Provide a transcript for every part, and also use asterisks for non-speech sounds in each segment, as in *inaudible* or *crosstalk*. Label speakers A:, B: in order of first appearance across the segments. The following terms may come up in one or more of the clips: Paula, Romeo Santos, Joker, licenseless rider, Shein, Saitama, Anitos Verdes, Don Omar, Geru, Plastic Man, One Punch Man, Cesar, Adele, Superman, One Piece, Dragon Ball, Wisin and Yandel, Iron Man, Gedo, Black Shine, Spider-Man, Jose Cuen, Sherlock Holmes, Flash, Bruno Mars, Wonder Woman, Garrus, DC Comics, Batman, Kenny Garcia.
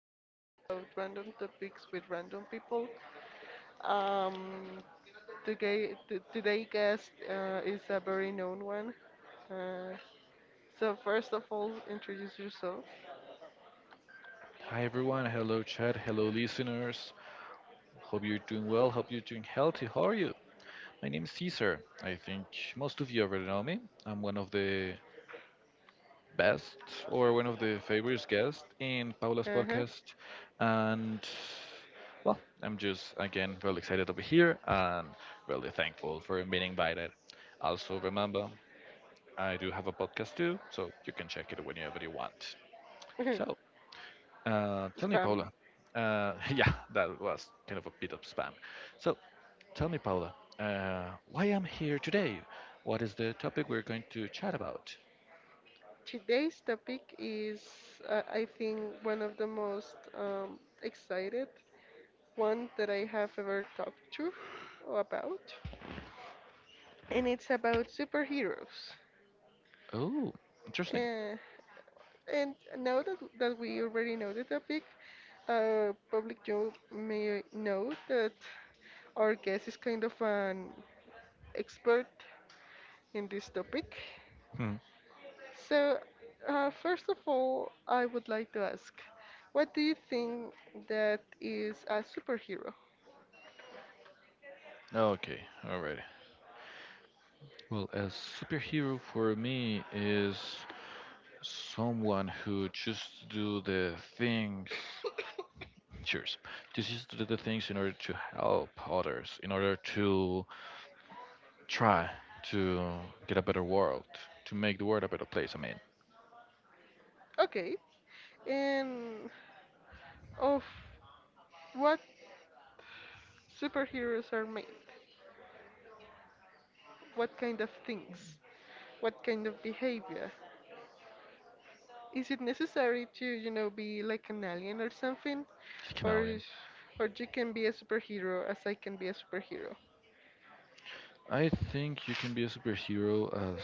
A: talk about random topics with random people. Um, Today, today guest is a very known one. Uh, so first of all, introduce yourself.
B: Hi everyone, hello chat, hello listeners. Hope you're doing well, hope you're doing healthy. How are you? My name is Cesar. I think most of you already know me. I'm one of the best or one of the favorite guests in Paula's
A: Uh-huh.
B: podcast. And well, I'm just again really excited to be here and really thankful for being invited. Also remember I do have a podcast too, so you can check it whenever you want. So, tell
A: *laughs*
B: me,
A: Pam.
B: Paula. *laughs* Yeah, that was kind of a bit of spam. So, tell me, Paula, why I'm here today? What is the topic we're going to chat about?
A: Today's topic is, I think, one of the most excited one that I have ever talked to about, and it's about superheroes.
B: Oh,
A: *laughs*
B: interesting.
A: And now that we already know the topic, public you may know that our guest is kind of an expert in this topic.
B: Hmm.
A: So, first of all, I would like to ask, what do you think that is a superhero?
B: Okay, alright. Well, a superhero for me is someone who just do the things. Cheers. Just do the things in order to help others, in order to try to get a better world, to make the world a better place. I mean.
A: Okay, and of what superheroes are made? What kind of things? What kind of behavior? Is it necessary to, you know, be like an alien or something? Or
B: Chameleon.
A: is- or you can be a superhero as I can be a superhero.
B: I think you can be a superhero as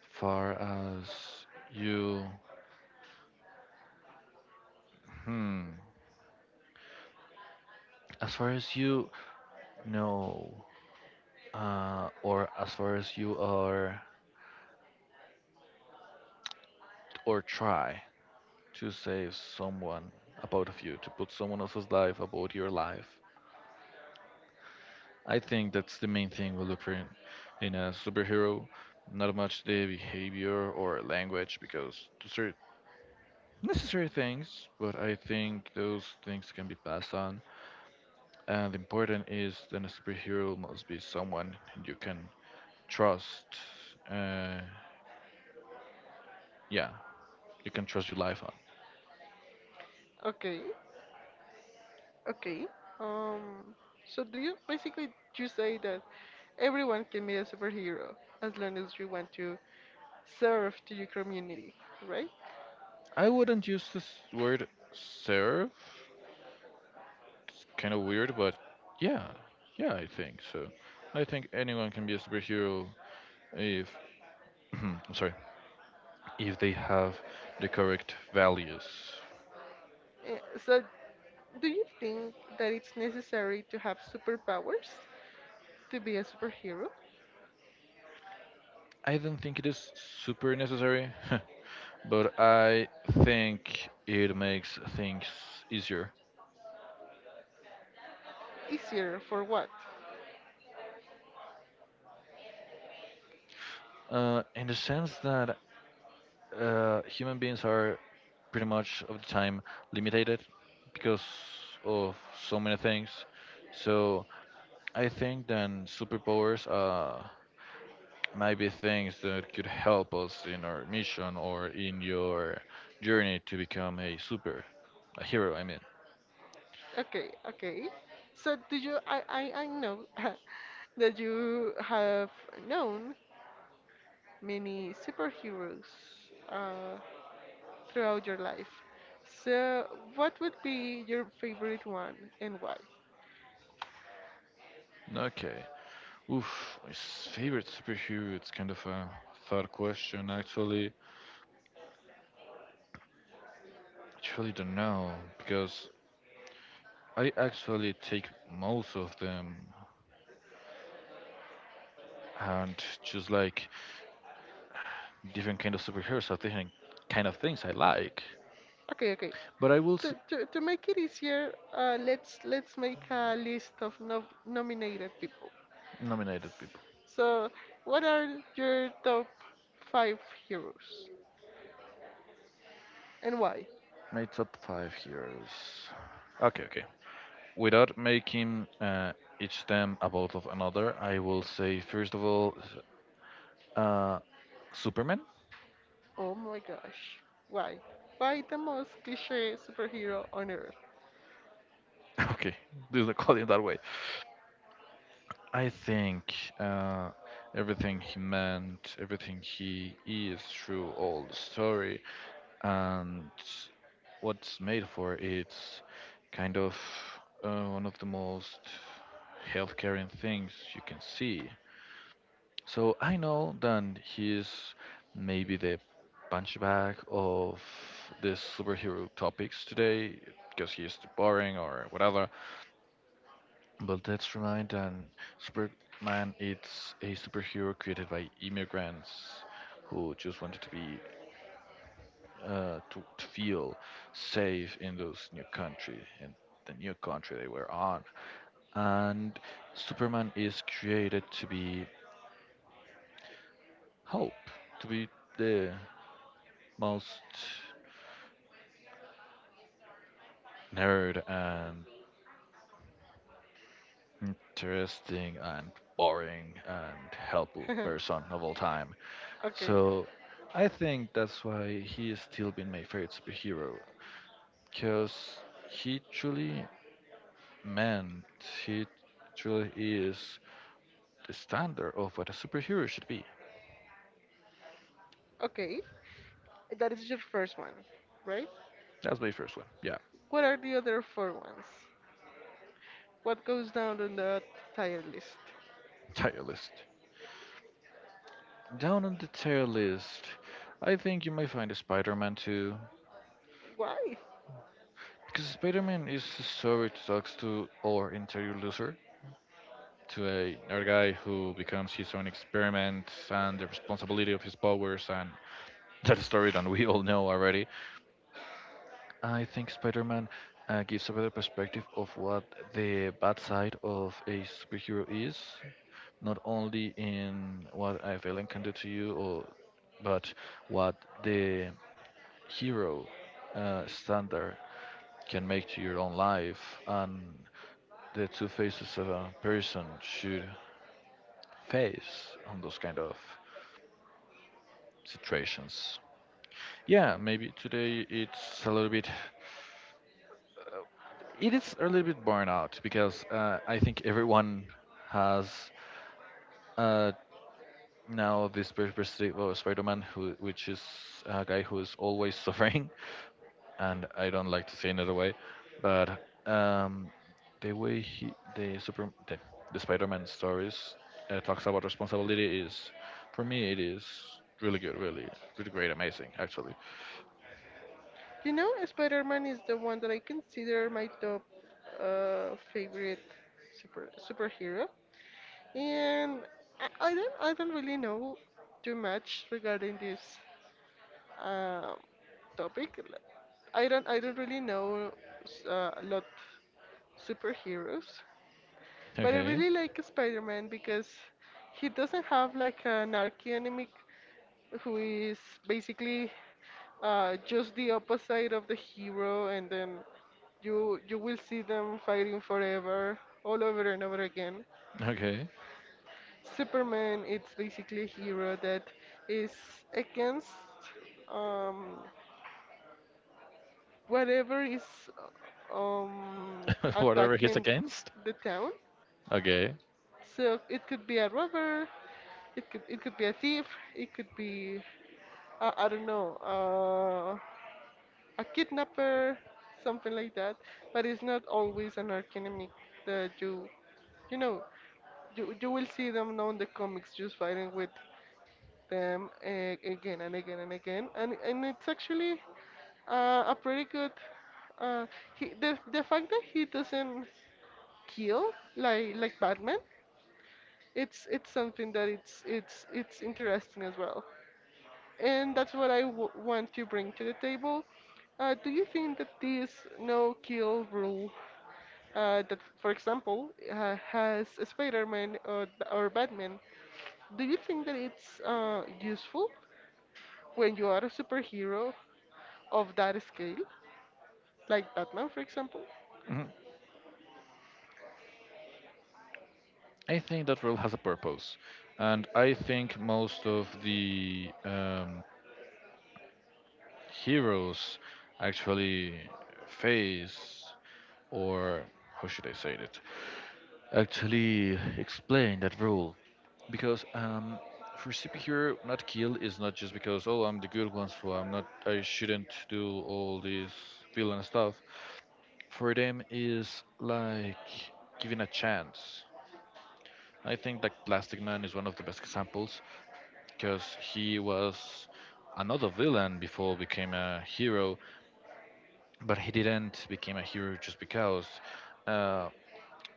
B: far as you, hmm, as far as you know, or as far as you are, or try to save someone about of you, to put someone else's life about your life. I think that's the main thing we look for in a superhero. Not much the behavior or language, because those are necessary things, but I think those things can be passed on. And the important is that a superhero must be someone you can trust. Uh, yeah, you can trust your life on.
A: Okay, okay. Um, so do you basically you say that everyone can be a superhero as long as you want to serve to your community, right?
B: I wouldn't use this word serve. It's kind of weird, but yeah, yeah, I think so. I think anyone can be a superhero if, *clears throat* I'm sorry, if they have the correct values.
A: Eh, So do you think that it's necessary to have superpowers to be a superhero?
B: I don't think it is super necessary, *laughs* but I think it makes things easier.
A: Easier for what?
B: In the sense that human beings are pretty much of the time limited because of so many things. So I think then superpowers might be things that could help us in our mission or in your journey to become a a hero. I mean,
A: Okay, okay. So do you I know *laughs* that you have known many superheroes uh, throughout your life. So what would be your favorite one and why?
B: okay. Oof, favorite superhero. It's kind of a hard question. Actually don't know because I actually take most of them and just like different kind of superheroes or different kind of things I like.
A: Okay, okay.
B: But
A: To, to, to make it easier, let's make a list of no, nominated people.
B: nominate the people.
A: So what are your top five heroes and why?
B: My top five heroes. Okay, okay. Without making each them about of another, I will say first of all, uh, Superman.
A: Oh my gosh. Why? Why the most cliche superhero on earth?
B: *laughs* Okay, do not call it that way. I think uh, everything he meant, everything he is, through all the story, and what's made for. It's kind of one of the most health caring things you can see. So I know that he's maybe the punchback of the superhero topics today because he's too boring or whatever. But let's remind that Superman it's a superhero created by immigrants who just wanted to be to feel safe in those new country in the new country they were on. And Superman is created to be hope, to be the most nerd and interesting and boring and helpful
A: *laughs*
B: person of all time.
A: Okay.
B: So I think that's why he has still been my favorite superhero, because he truly meant he truly is the standard of what a superhero should be.
A: Okay. That is your first one, right?
B: That's my first one. Yeah,
A: What are the other four ones? What goes down on the tier list?
B: tier list. Down on the tier list, I think you might find a Spider-Man too,
A: Why?
B: because Spider-Man is a story that talks to our interior loser, to a our guy who becomes his own experiment and the responsibility of his powers and that story that we all know already. I think Spider-Man gives a better perspective of what the bad side of a superhero is not only in what a villain can do to you, or but what the hero standard can make to your own life and the two faces of a person should face on those kind of situations. Yeah, maybe today it's a little bit uh, it is a little bit burnout because I think everyone has uh, Now this Paper Stri- well, Spider-Man, who which is a guy who is always suffering, *laughs* and I don't like to say another way, but um, the way he the super the Spider-Man stories talks about responsibility is, for me, it is really good, really, really great, amazing, actually.
A: You know, Spider-Man is the one that I consider my top favorite superhero, and I don't I don't really know too much regarding this um topic. I don't really know a lot superheroes, but I
B: Okay,
A: really like Spider-Man because he doesn't have like an archenemy who is basically just the opposite of the hero, and then you will see them fighting forever, all over and over again.
B: okay,
A: Superman, it's basically a hero that is against. Um, Whatever is
B: *laughs* whatever he's
A: attacking
B: against.
A: the town.
B: Okay.
A: So it could be a robber, it could be a thief, it could be I don't know, a kidnapper, something like that. But it's not always an archenemy that you know you will see them now in the comics just fighting with them again and again and again, and it's actually a pretty good. Uh, he, The fact that he doesn't kill like Batman, it's something that it's it's interesting as well. And that's what I w want to bring to the table. Do you think that this no kill rule that, for example, has Spider-Man or Batman, do you think that it's useful when you are a superhero of that scale, like Batman, for example?
B: Mhm. I think that rule has a purpose, and I think most of the heroes actually face or how should I say it? Actually explain that rule because for superhero not kill is not just because oh I'm the good ones so I shouldn't do all this villain stuff. For them is like giving a chance. I think that Plastic Man is one of the best examples because he was another villain before became a hero but he didn't become a hero just because uh,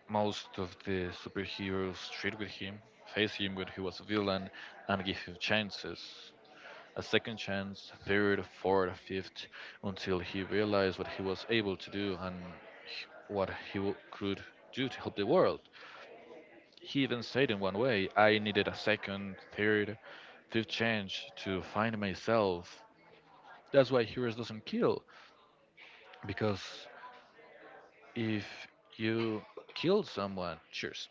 B: most of the superheroes treat with him, face him when he was a villain, and give him chances. A second chance, a third, a fourth, a fifth, until he realized what he was able to do and could do to help the world. He even said in one way, I needed a second, third, fifth chance to find myself. That's why heroes doesn't kill, because if you kill someone, cheers,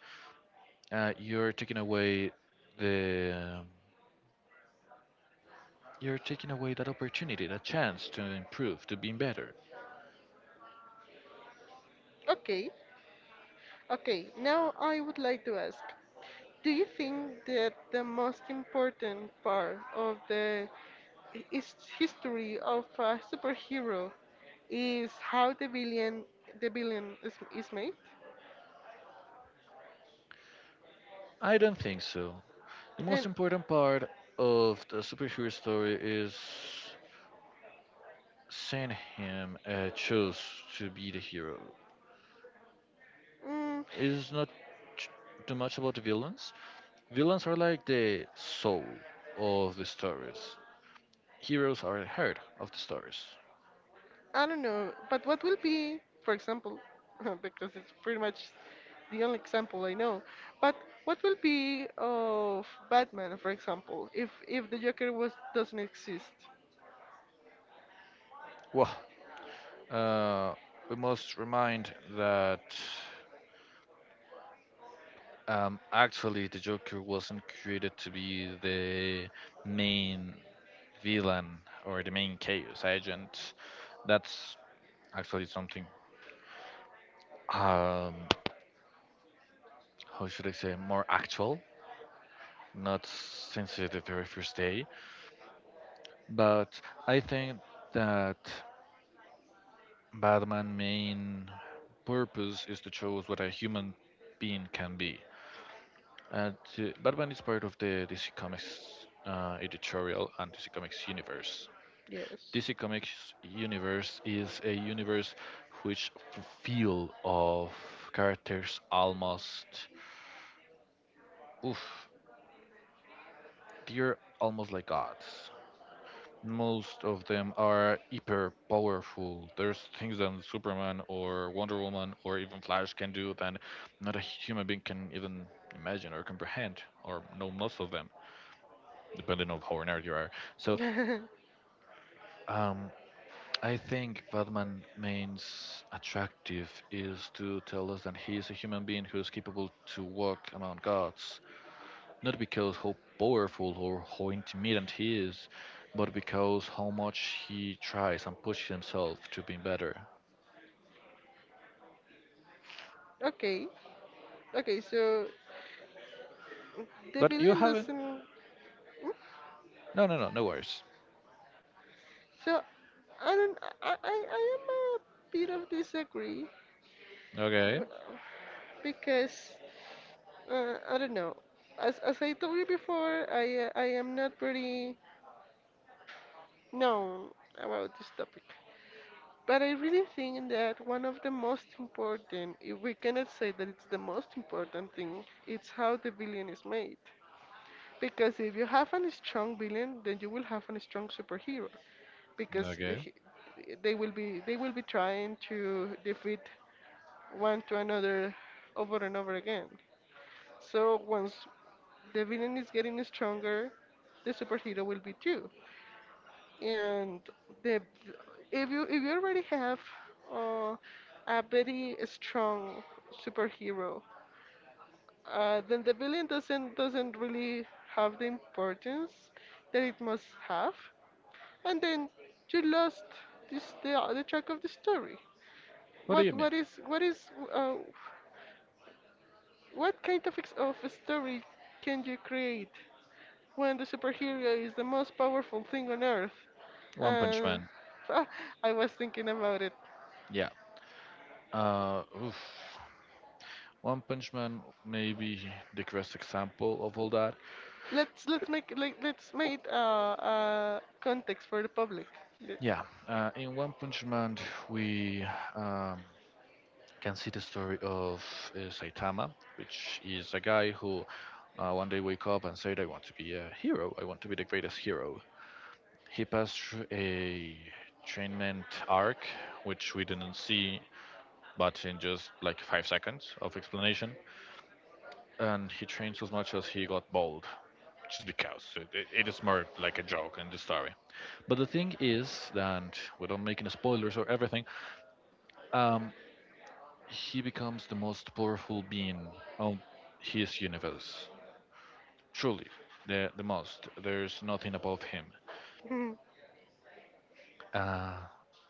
B: you're taking away the you're taking away that opportunity, that chance to improve, to be better.
A: Okay, okay. Now I would like to ask, do you think that the most important part of the history of a superhero is how the villain is made?
B: I don't think so. The most
A: And
B: important part of the superhero story is seeing him chose to be the hero.
A: mm,
B: It's not t- too much about the villains. Villains are like the soul of the stories. Heroes are the heart of the stories.
A: I don't know, but what will be, for example, *laughs* because it's pretty much the only example I know, but what will be of Batman, for example, if the Joker was doesn't exist?
B: Wow. Uh, we must remind that actually the Joker wasn't created to be the main villain or the main chaos agent. That's actually something, um, how should I say, more actual, not since the very first day. But I think that Batman's main purpose is to show us what a human being can be. And Batman is part of the DC Comics editorial and DC Comics universe.
A: Yes.
B: DC Comics universe is a universe which feel of characters almost, oof, they're almost like gods. Most of them are hyper powerful. There's things that Superman or Wonder Woman or even Flash can do that not a human being can even imagine or comprehend, or know most of them, depending on how nerd you are. So
A: *laughs*
B: Um, I think what man means attractive is to tell us that he is a human being who is capable to walk among gods, not because how powerful or how intimidant he is, but because how much he tries and pushes himself to be better.
A: Okay. Okay, so the
B: But you
A: villain
B: haven't.
A: doesn't. Hmm?
B: No, no, no, no worries.
A: So I don't. I am a bit of disagree
B: Okay,
A: b- because I don't know. As I told you before, I am not pretty known about this topic. But I really think that one of the most important, if we cannot say that it's the most important thing, it's how the villain is made. Because if you have a strong villain, then you will have a strong superhero. Because
B: okay.
A: he- they will be trying to defeat one to another over and over again. So once the villain is getting stronger, the superhero will be too and the if you already have uh, a very strong superhero, then the villain doesn't really have the importance that it must have, and then you lost this the track of the story.
B: What do you mean?
A: What is uh, what kind of story can you create when the superhero is the most powerful thing on earth?
B: One Punch
A: Uh,
B: Man.
A: *laughs* I was thinking about it.
B: Yeah. Oof. One Punch Man may be the greatest example of all that.
A: Let's make like let's make context for the public. Le-
B: Yeah, in One Punch Man, we um, can see the story of Saitama, which is a guy who one day wake up and said, "I want to be a hero. I want to be the greatest hero." He passed through a trainment arc, which we didn't see, but in just like 5 seconds of explanation, and he trained so much as he got bald, just because it is more like a joke in the story. But the thing is that, without making spoilers or everything, um, he becomes the most powerful being on his universe. Truly, the most. There's nothing above him.
A: *laughs*
B: Uh,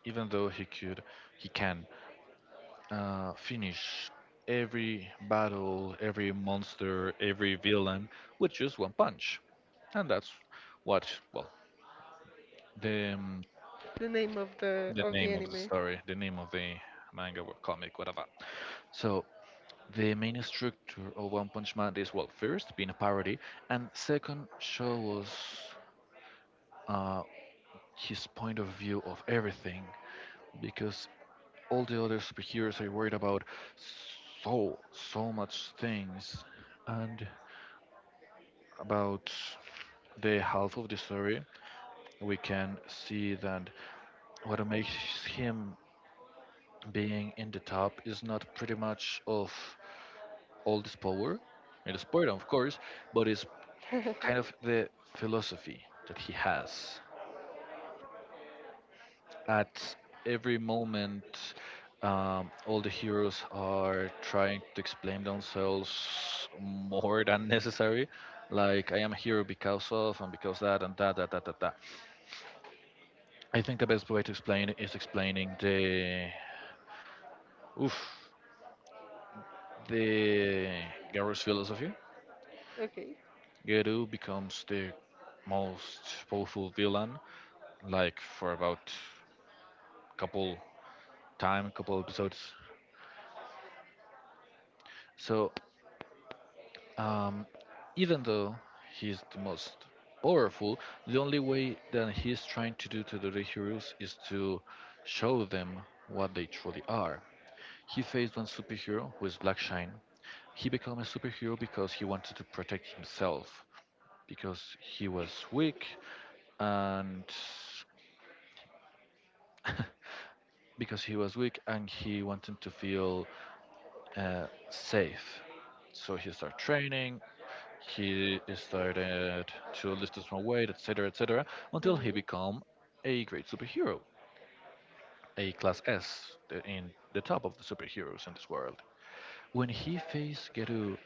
B: even though he could, he can finish every battle, every monster, every villain with just one punch. And that's what, well, the, um,
A: the name of the
B: the name of the
A: anime.
B: story, the name of the manga or comic, whatever. So the main structure of One Punch Man is well, first being a parody, and second show us uh, his point of view of everything, because all the other superheroes are worried about so much things, and about the half of the story, we can see that what makes him being in the top is not pretty much of all this power. It is power, of course, but it's
A: *laughs*
B: kind of the philosophy that he has. At every moment, all the heroes are trying to explain themselves more than necessary. Like, I am a hero because of, and because that, and that, that, that, that, that. I think the best way to explain it is explaining the. Oof. The Garrus philosophy.
A: Okay.
B: Geru becomes the most powerful villain, like, for about couple couple episodes. So Um, even though he's the most powerful, the only way that he's trying to do to the heroes is to show them what they truly are. He faced one superhero who is Black Shine. He became a superhero because he wanted to protect himself, because he was weak and *laughs* because he was weak and he wanted to feel safe. So he started to lose his own weight, etc., etc., until he
A: Hmm.
B: became a great superhero, a class S, in the top of the superheroes in this world. When he faced Geru,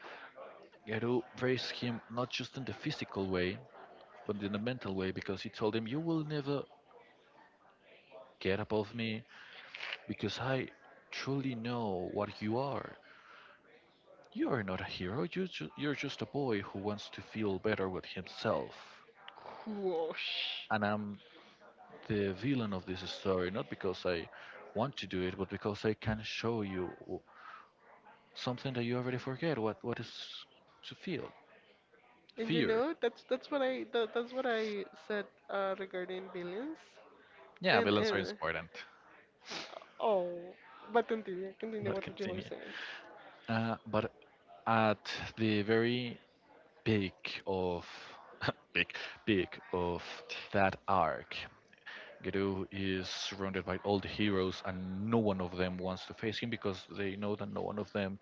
B: Geru praised him not just in the physical way, but in the mental way, because he told him, "You will never get above me, because I truly know what you are. You are not a hero. You're just a boy who wants to feel better with himself."
A: Whoosh.
B: And I'm the villain of this story, not because I want to do it, but because I can show you something that you already forget. What is to feel?
A: And you
B: Fear.
A: know that's what I that, that's what I said regarding billions.
B: Yeah, villains are
A: And
B: important.
A: oh, but continue, continue
B: But
A: what you were
B: continue.
A: saying.
B: But at the very peak of *laughs* peak peak of that arc, Gedo is surrounded by all the heroes, and no one of them wants to face him because they know that no one of them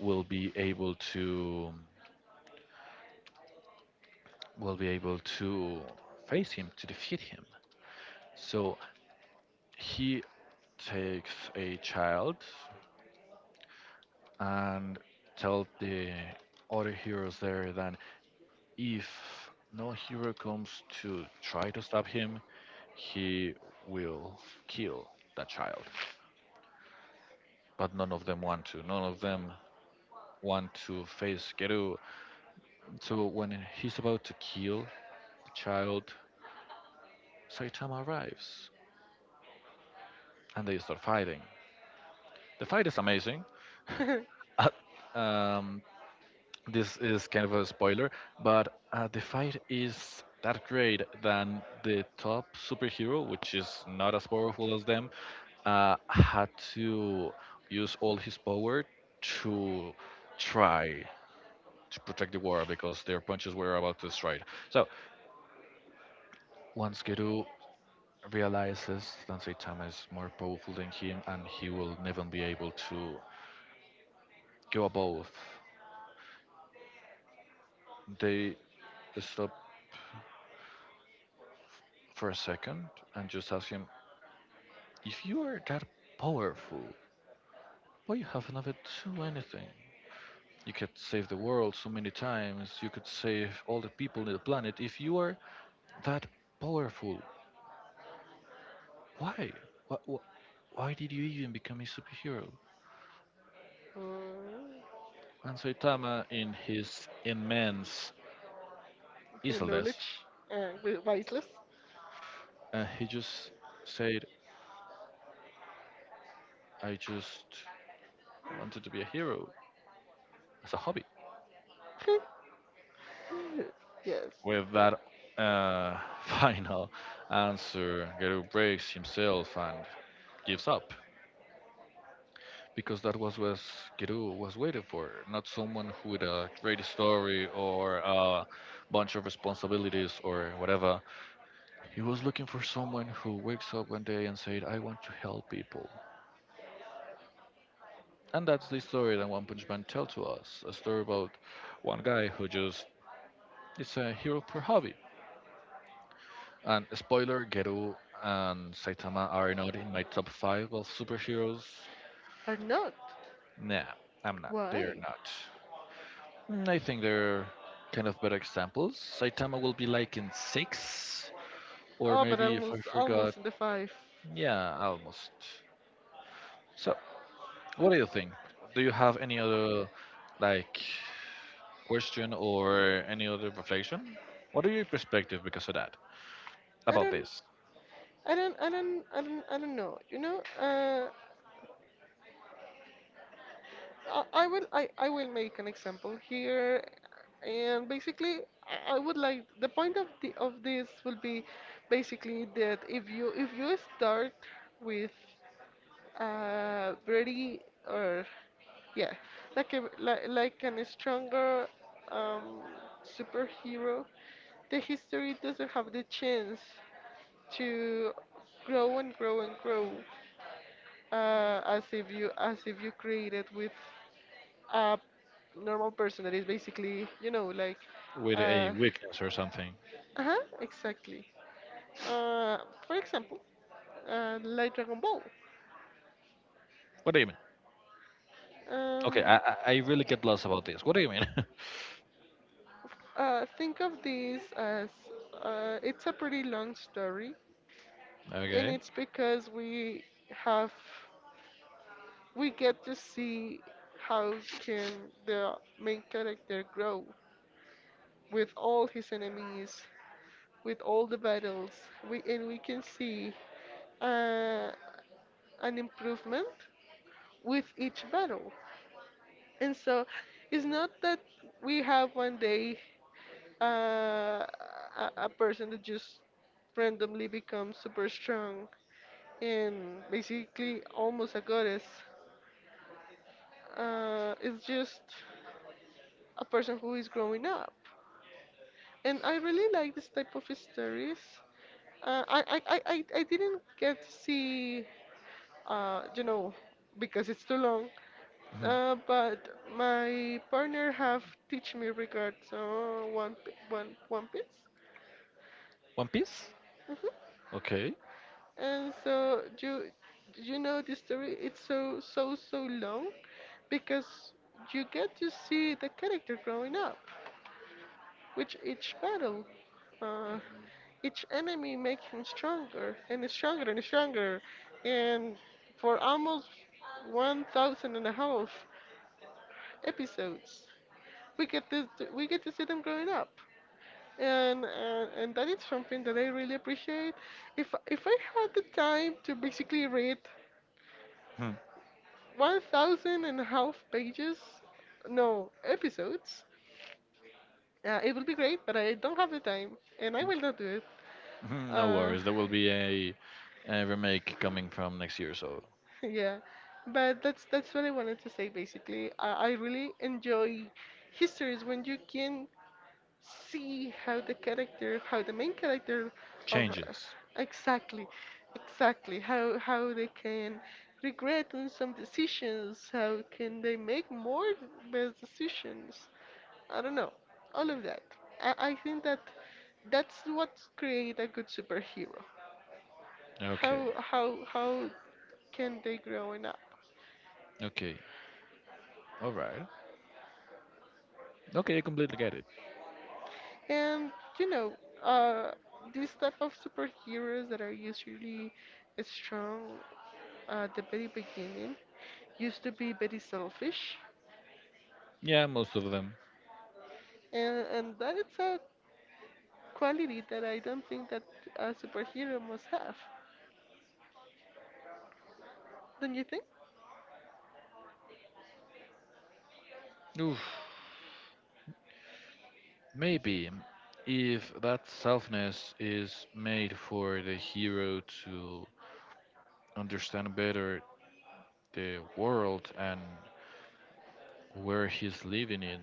B: will be able to will be able to face him, to defeat him. So he takes a child and tells the other heroes there that if no hero comes to try to stop him, he will kill that child. But none of them want to. None of them want to face Geru. So when he's about to kill the child, Saitama arrives and they start fighting. The fight is amazing.
A: *laughs*
B: *laughs* Um, this is kind of a spoiler, but the fight is that great than the top superhero, which is not as powerful as them, had to use all his power to try to protect the world because their punches were about to strike. So once Geru realizes that Saitama is more powerful than him and he will never be able to go above, they stop for a second and just ask him, if you are that powerful, why you haven't ever do anything? You could save the world so many times. You could save all the people in the planet. If you are that powerful, why? Why, why did you even become a superhero?
A: Uh,
B: And Saitama, in his immense easiness,
A: knowledge, wiseless.
B: he just said, "I just wanted to be a hero as a hobby."
A: *laughs* Yes,
B: With that uh, *laughs* final answer, Geru breaks himself and gives up, because that was what Kiru was waiting for, not someone who with a great story or a bunch of responsibilities or whatever. He was looking for someone who wakes up one day and said, "I want to help people." And that's the story that One Punch Man tells to us, a story about one guy who just is a hero per hobby. And spoiler, Geru and Saitama are not in my top five of superheroes.
A: or not?
B: Nah, I'm not. They are
A: Why?
B: not. Mm, I think they're kind of better examples. Saitama will be like in six, or
A: Oh, but
B: maybe if I
A: almost,
B: forgot,
A: almost in the five.
B: yeah, almost. So, what do you think? Do you have any other like question or any other reflection? What are your perspective because of that
A: I
B: about
A: don't,
B: this,
A: I don't, I don't, I don't, I don't know. You know, I will make an example here, and basically, I would like the point of this will be basically that if you start with pretty or yeah, like a like an stronger um, superhero. The history doesn't have the chance to grow and grow and grow as if you create it with a normal person that is basically you know like
B: with a
A: uh
B: weakness or something?
A: uh-huh exactly uh for example like dragon ball
B: What do you mean? Okay,
A: um
B: I really get lost about this. What do you mean? *laughs*
A: Think of these as it's a pretty long story, and
B: Okay.
A: it's because we have we get to see how can the main character grow with all his enemies, with all the battles. We and we can see uh, an improvement with each battle. And so it's not that we have one day uh, a person that just randomly becomes super strong and basically almost a goddess. It's just a person who is growing up. And I really like this type of stories. I didn't get to see, you know, because it's too long.
B: Mhm.
A: But my partner have teach me regards One Pi- One One Piece.
B: One Piece.
A: Mhm.
B: Okay.
A: And so you know the story it's so so so long because you get to see the character growing up Which each battle. Uh, each enemy makes him stronger and stronger and stronger and for almost one thousand and a half episodes we get to we get to see them growing up and and that is something that I really appreciate if I had the time to basically read
B: Hmm.
A: one thousand and half pages, no, episodes. It will be great, but I don't have the time, and I will not do it.
B: Mhm, no
A: Uh,
B: worries. There will be a remake coming from next year, so
A: *laughs* yeah, but that's what I wanted to say. Basically, I really enjoy histories when you can see how the character, how the main character of
B: changes.
A: exactly, exactly how they can regret on some decisions, how can they make more best decisions. I don't know, all of that. I think that that's what create a good superhero.
B: Okay.
A: How can they growing up?
B: Okay. All right. Okay, I completely get it.
A: And you know, uh, these type of superheroes that are usually strong at the very beginning used to be very selfish,
B: Yeah, most of them.
A: and that is a quality that I don't think that a superhero must have. Don't you think?
B: Oof. Maybe if that softness is made for the hero to understand better the world and where he's living in,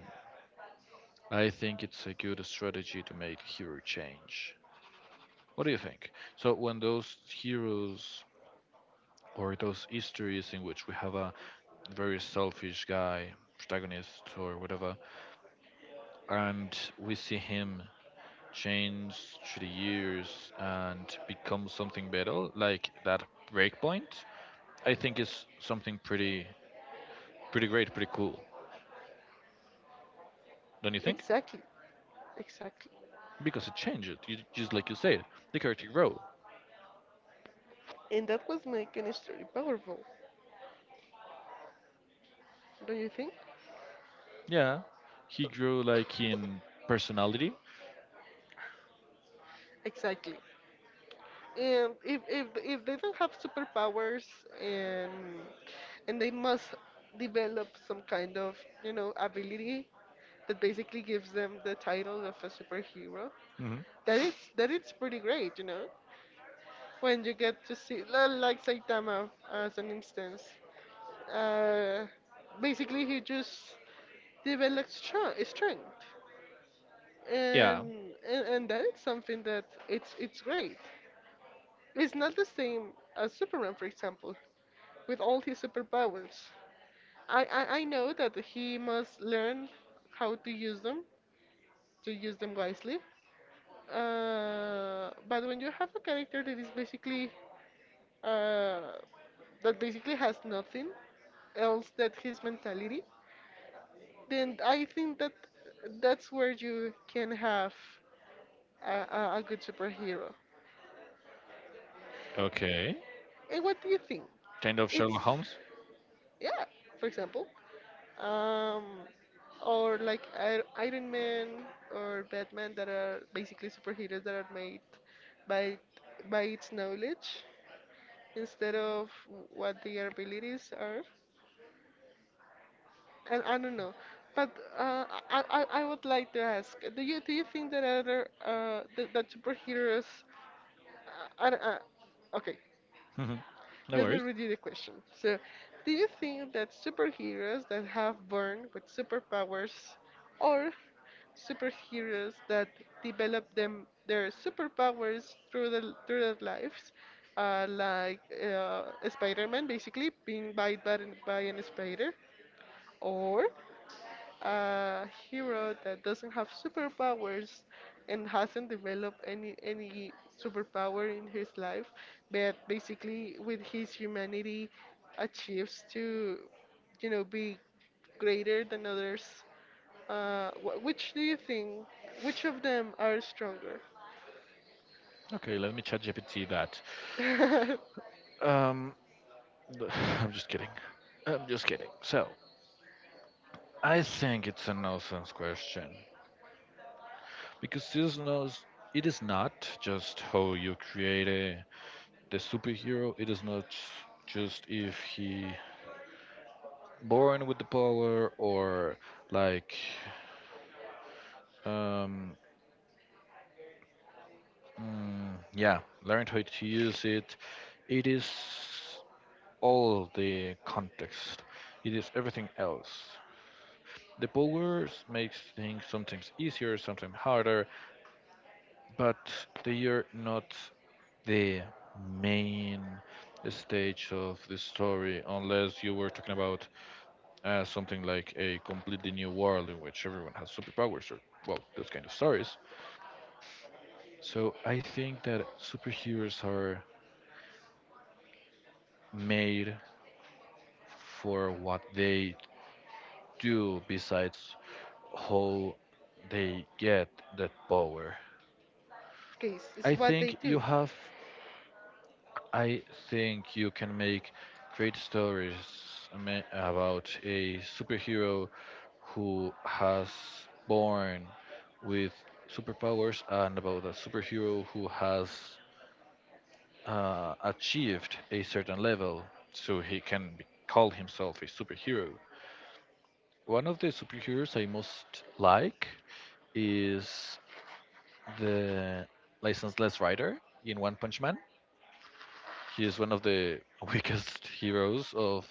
B: I think it's a good strategy to make hero change. What do you think? So when those heroes or those histories in which we have a very selfish guy, protagonist or whatever, and we see him change through the years and become something better, like that breakpoint, I think is something pretty great, pretty cool. Don't you think?
A: Exactly, exactly.
B: Because it changes, you, just like you said, the character grow.
A: And that was making it very powerful, don't you think?
B: Yeah, he grew like in personality.
A: Exactly. And if they don't have superpowers and and they must develop some kind of you know ability that basically gives them the title of a superhero,
B: Hmm.
A: that it's pretty great, you know, when you get to see like Saitama as an instance. Uh, Basically, he just develops strength,
B: Yeah.
A: and that is something that it's great. It's not the same as Superman, for example, with all his superpowers. I know that he must learn how to use them wisely. But when you have a character that is basically uh, that basically has nothing else that his mentality, then I think that that's where you can have a good superhero.
B: Okay.
A: And what do you think?
B: Kind of
A: It's
B: Sherlock Holmes?
A: yeah, for example, um, or like Iron Man or Batman that are basically superheroes that are made by its knowledge instead of what their abilities are. And I don't know, but uh, I would like to ask, do you think that other that, that superheroes, I don't- okay,
B: *laughs* No
A: let me
B: worries.
A: read you the question. So, do you think that superheroes that have born with superpowers, or superheroes that develop them their superpowers through the through their lives, like Spider-Man basically being bit by an spider, or a hero that doesn't have superpowers and hasn't developed any superpower in his life, but basically with his humanity achieves to, you know, be greater than others. Which do you think? Which of them are stronger?
B: Okay, let me chat GPT that. Um, th- *laughs* I'm just kidding. I'm just kidding. So, I think it's a nonsense question because this knows it is not just how you create the superhero. It is not just if he born with the power or like um yeah, learned how to use it. It is all the context. It is everything else. The powers makes things sometimes easier, sometimes harder, but they are not the main stage of the story unless you were talking about something like a completely new world in which everyone has superpowers or well, those kind of stories. So I think that superheroes are made for what they do besides how they get that power.
A: *laughs* Case is
B: I
A: what they
B: think you
A: do.
B: have. I think you can make great stories about a superhero who has born with superpowers and about a superhero who has achieved a certain level, so he can be, call himself a superhero. One of the superheroes I most like is the licenseless rider in One Punch Man. He is one of the *laughs* weakest heroes of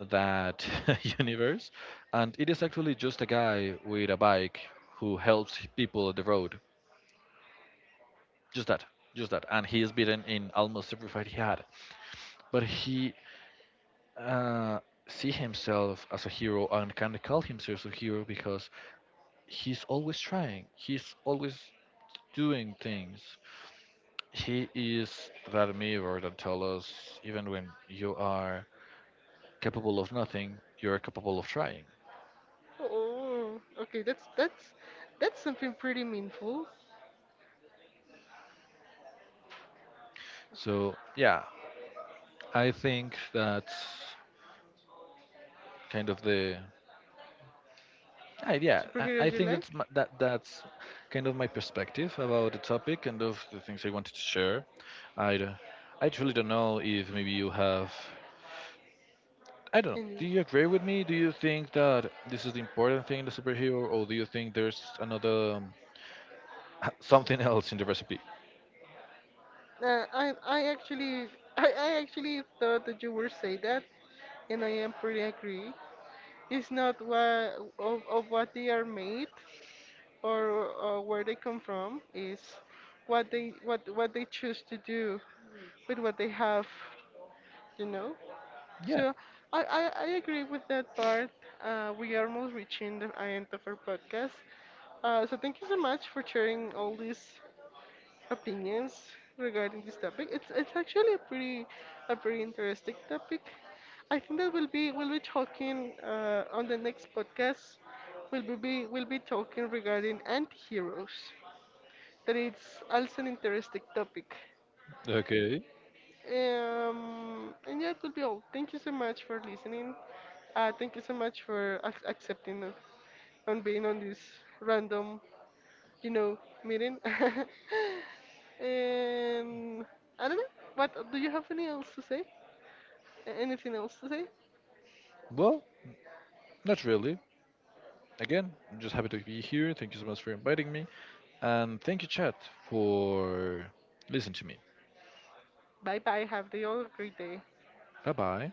B: that *laughs* universe, and it is actually just a guy with a bike who helps people on the road. Just that, just that, and he is beaten in almost every fight he had. But he uh, see himself as a hero and can call himself a hero because he's always trying. He's always doing things. He is that mirror that tells us even when you are capable of nothing, you're capable of trying.
A: Oh, okay, that's that's something pretty meaningful.
B: So, yeah, I think that's kind of the. I, yeah, I
A: Superheroes you
B: think
A: like?
B: that's my, that's kind of my perspective about the topic and of the things I wanted to share. I d- I truly don't know if maybe you have. I don't know. Do
A: Any?
B: you agree with me? Do you think that this is the important thing in the superhero, or do you think there's another *laughs* something else in the recipe?
A: Uh, I I actually I actually thought that you were say that, and I am pretty agree. It's not what of what they are made or where they come from. Is what they choose to do with what they have, you know. So I agree with that part. We are almost reaching the end of our podcast. So thank you so much for sharing all these opinions regarding this topic. It's actually a pretty interesting topic. I think that we'll be talking on the next podcast. We'll be talking regarding anti-heroes. That it's also an interesting topic.
B: Okay.
A: And yeah, it would be all. Thank you so much for listening. Thank you so much for ac accepting on being on this random you know, meeting. *laughs* And I don't know. What do you have any else to say? Anything else to say?
B: Well, not really. Again, I'm just happy to be here. Thank you so much for inviting me. And thank you, chat, for listening to me.
A: Bye bye. Have the all great day.
B: Bye bye.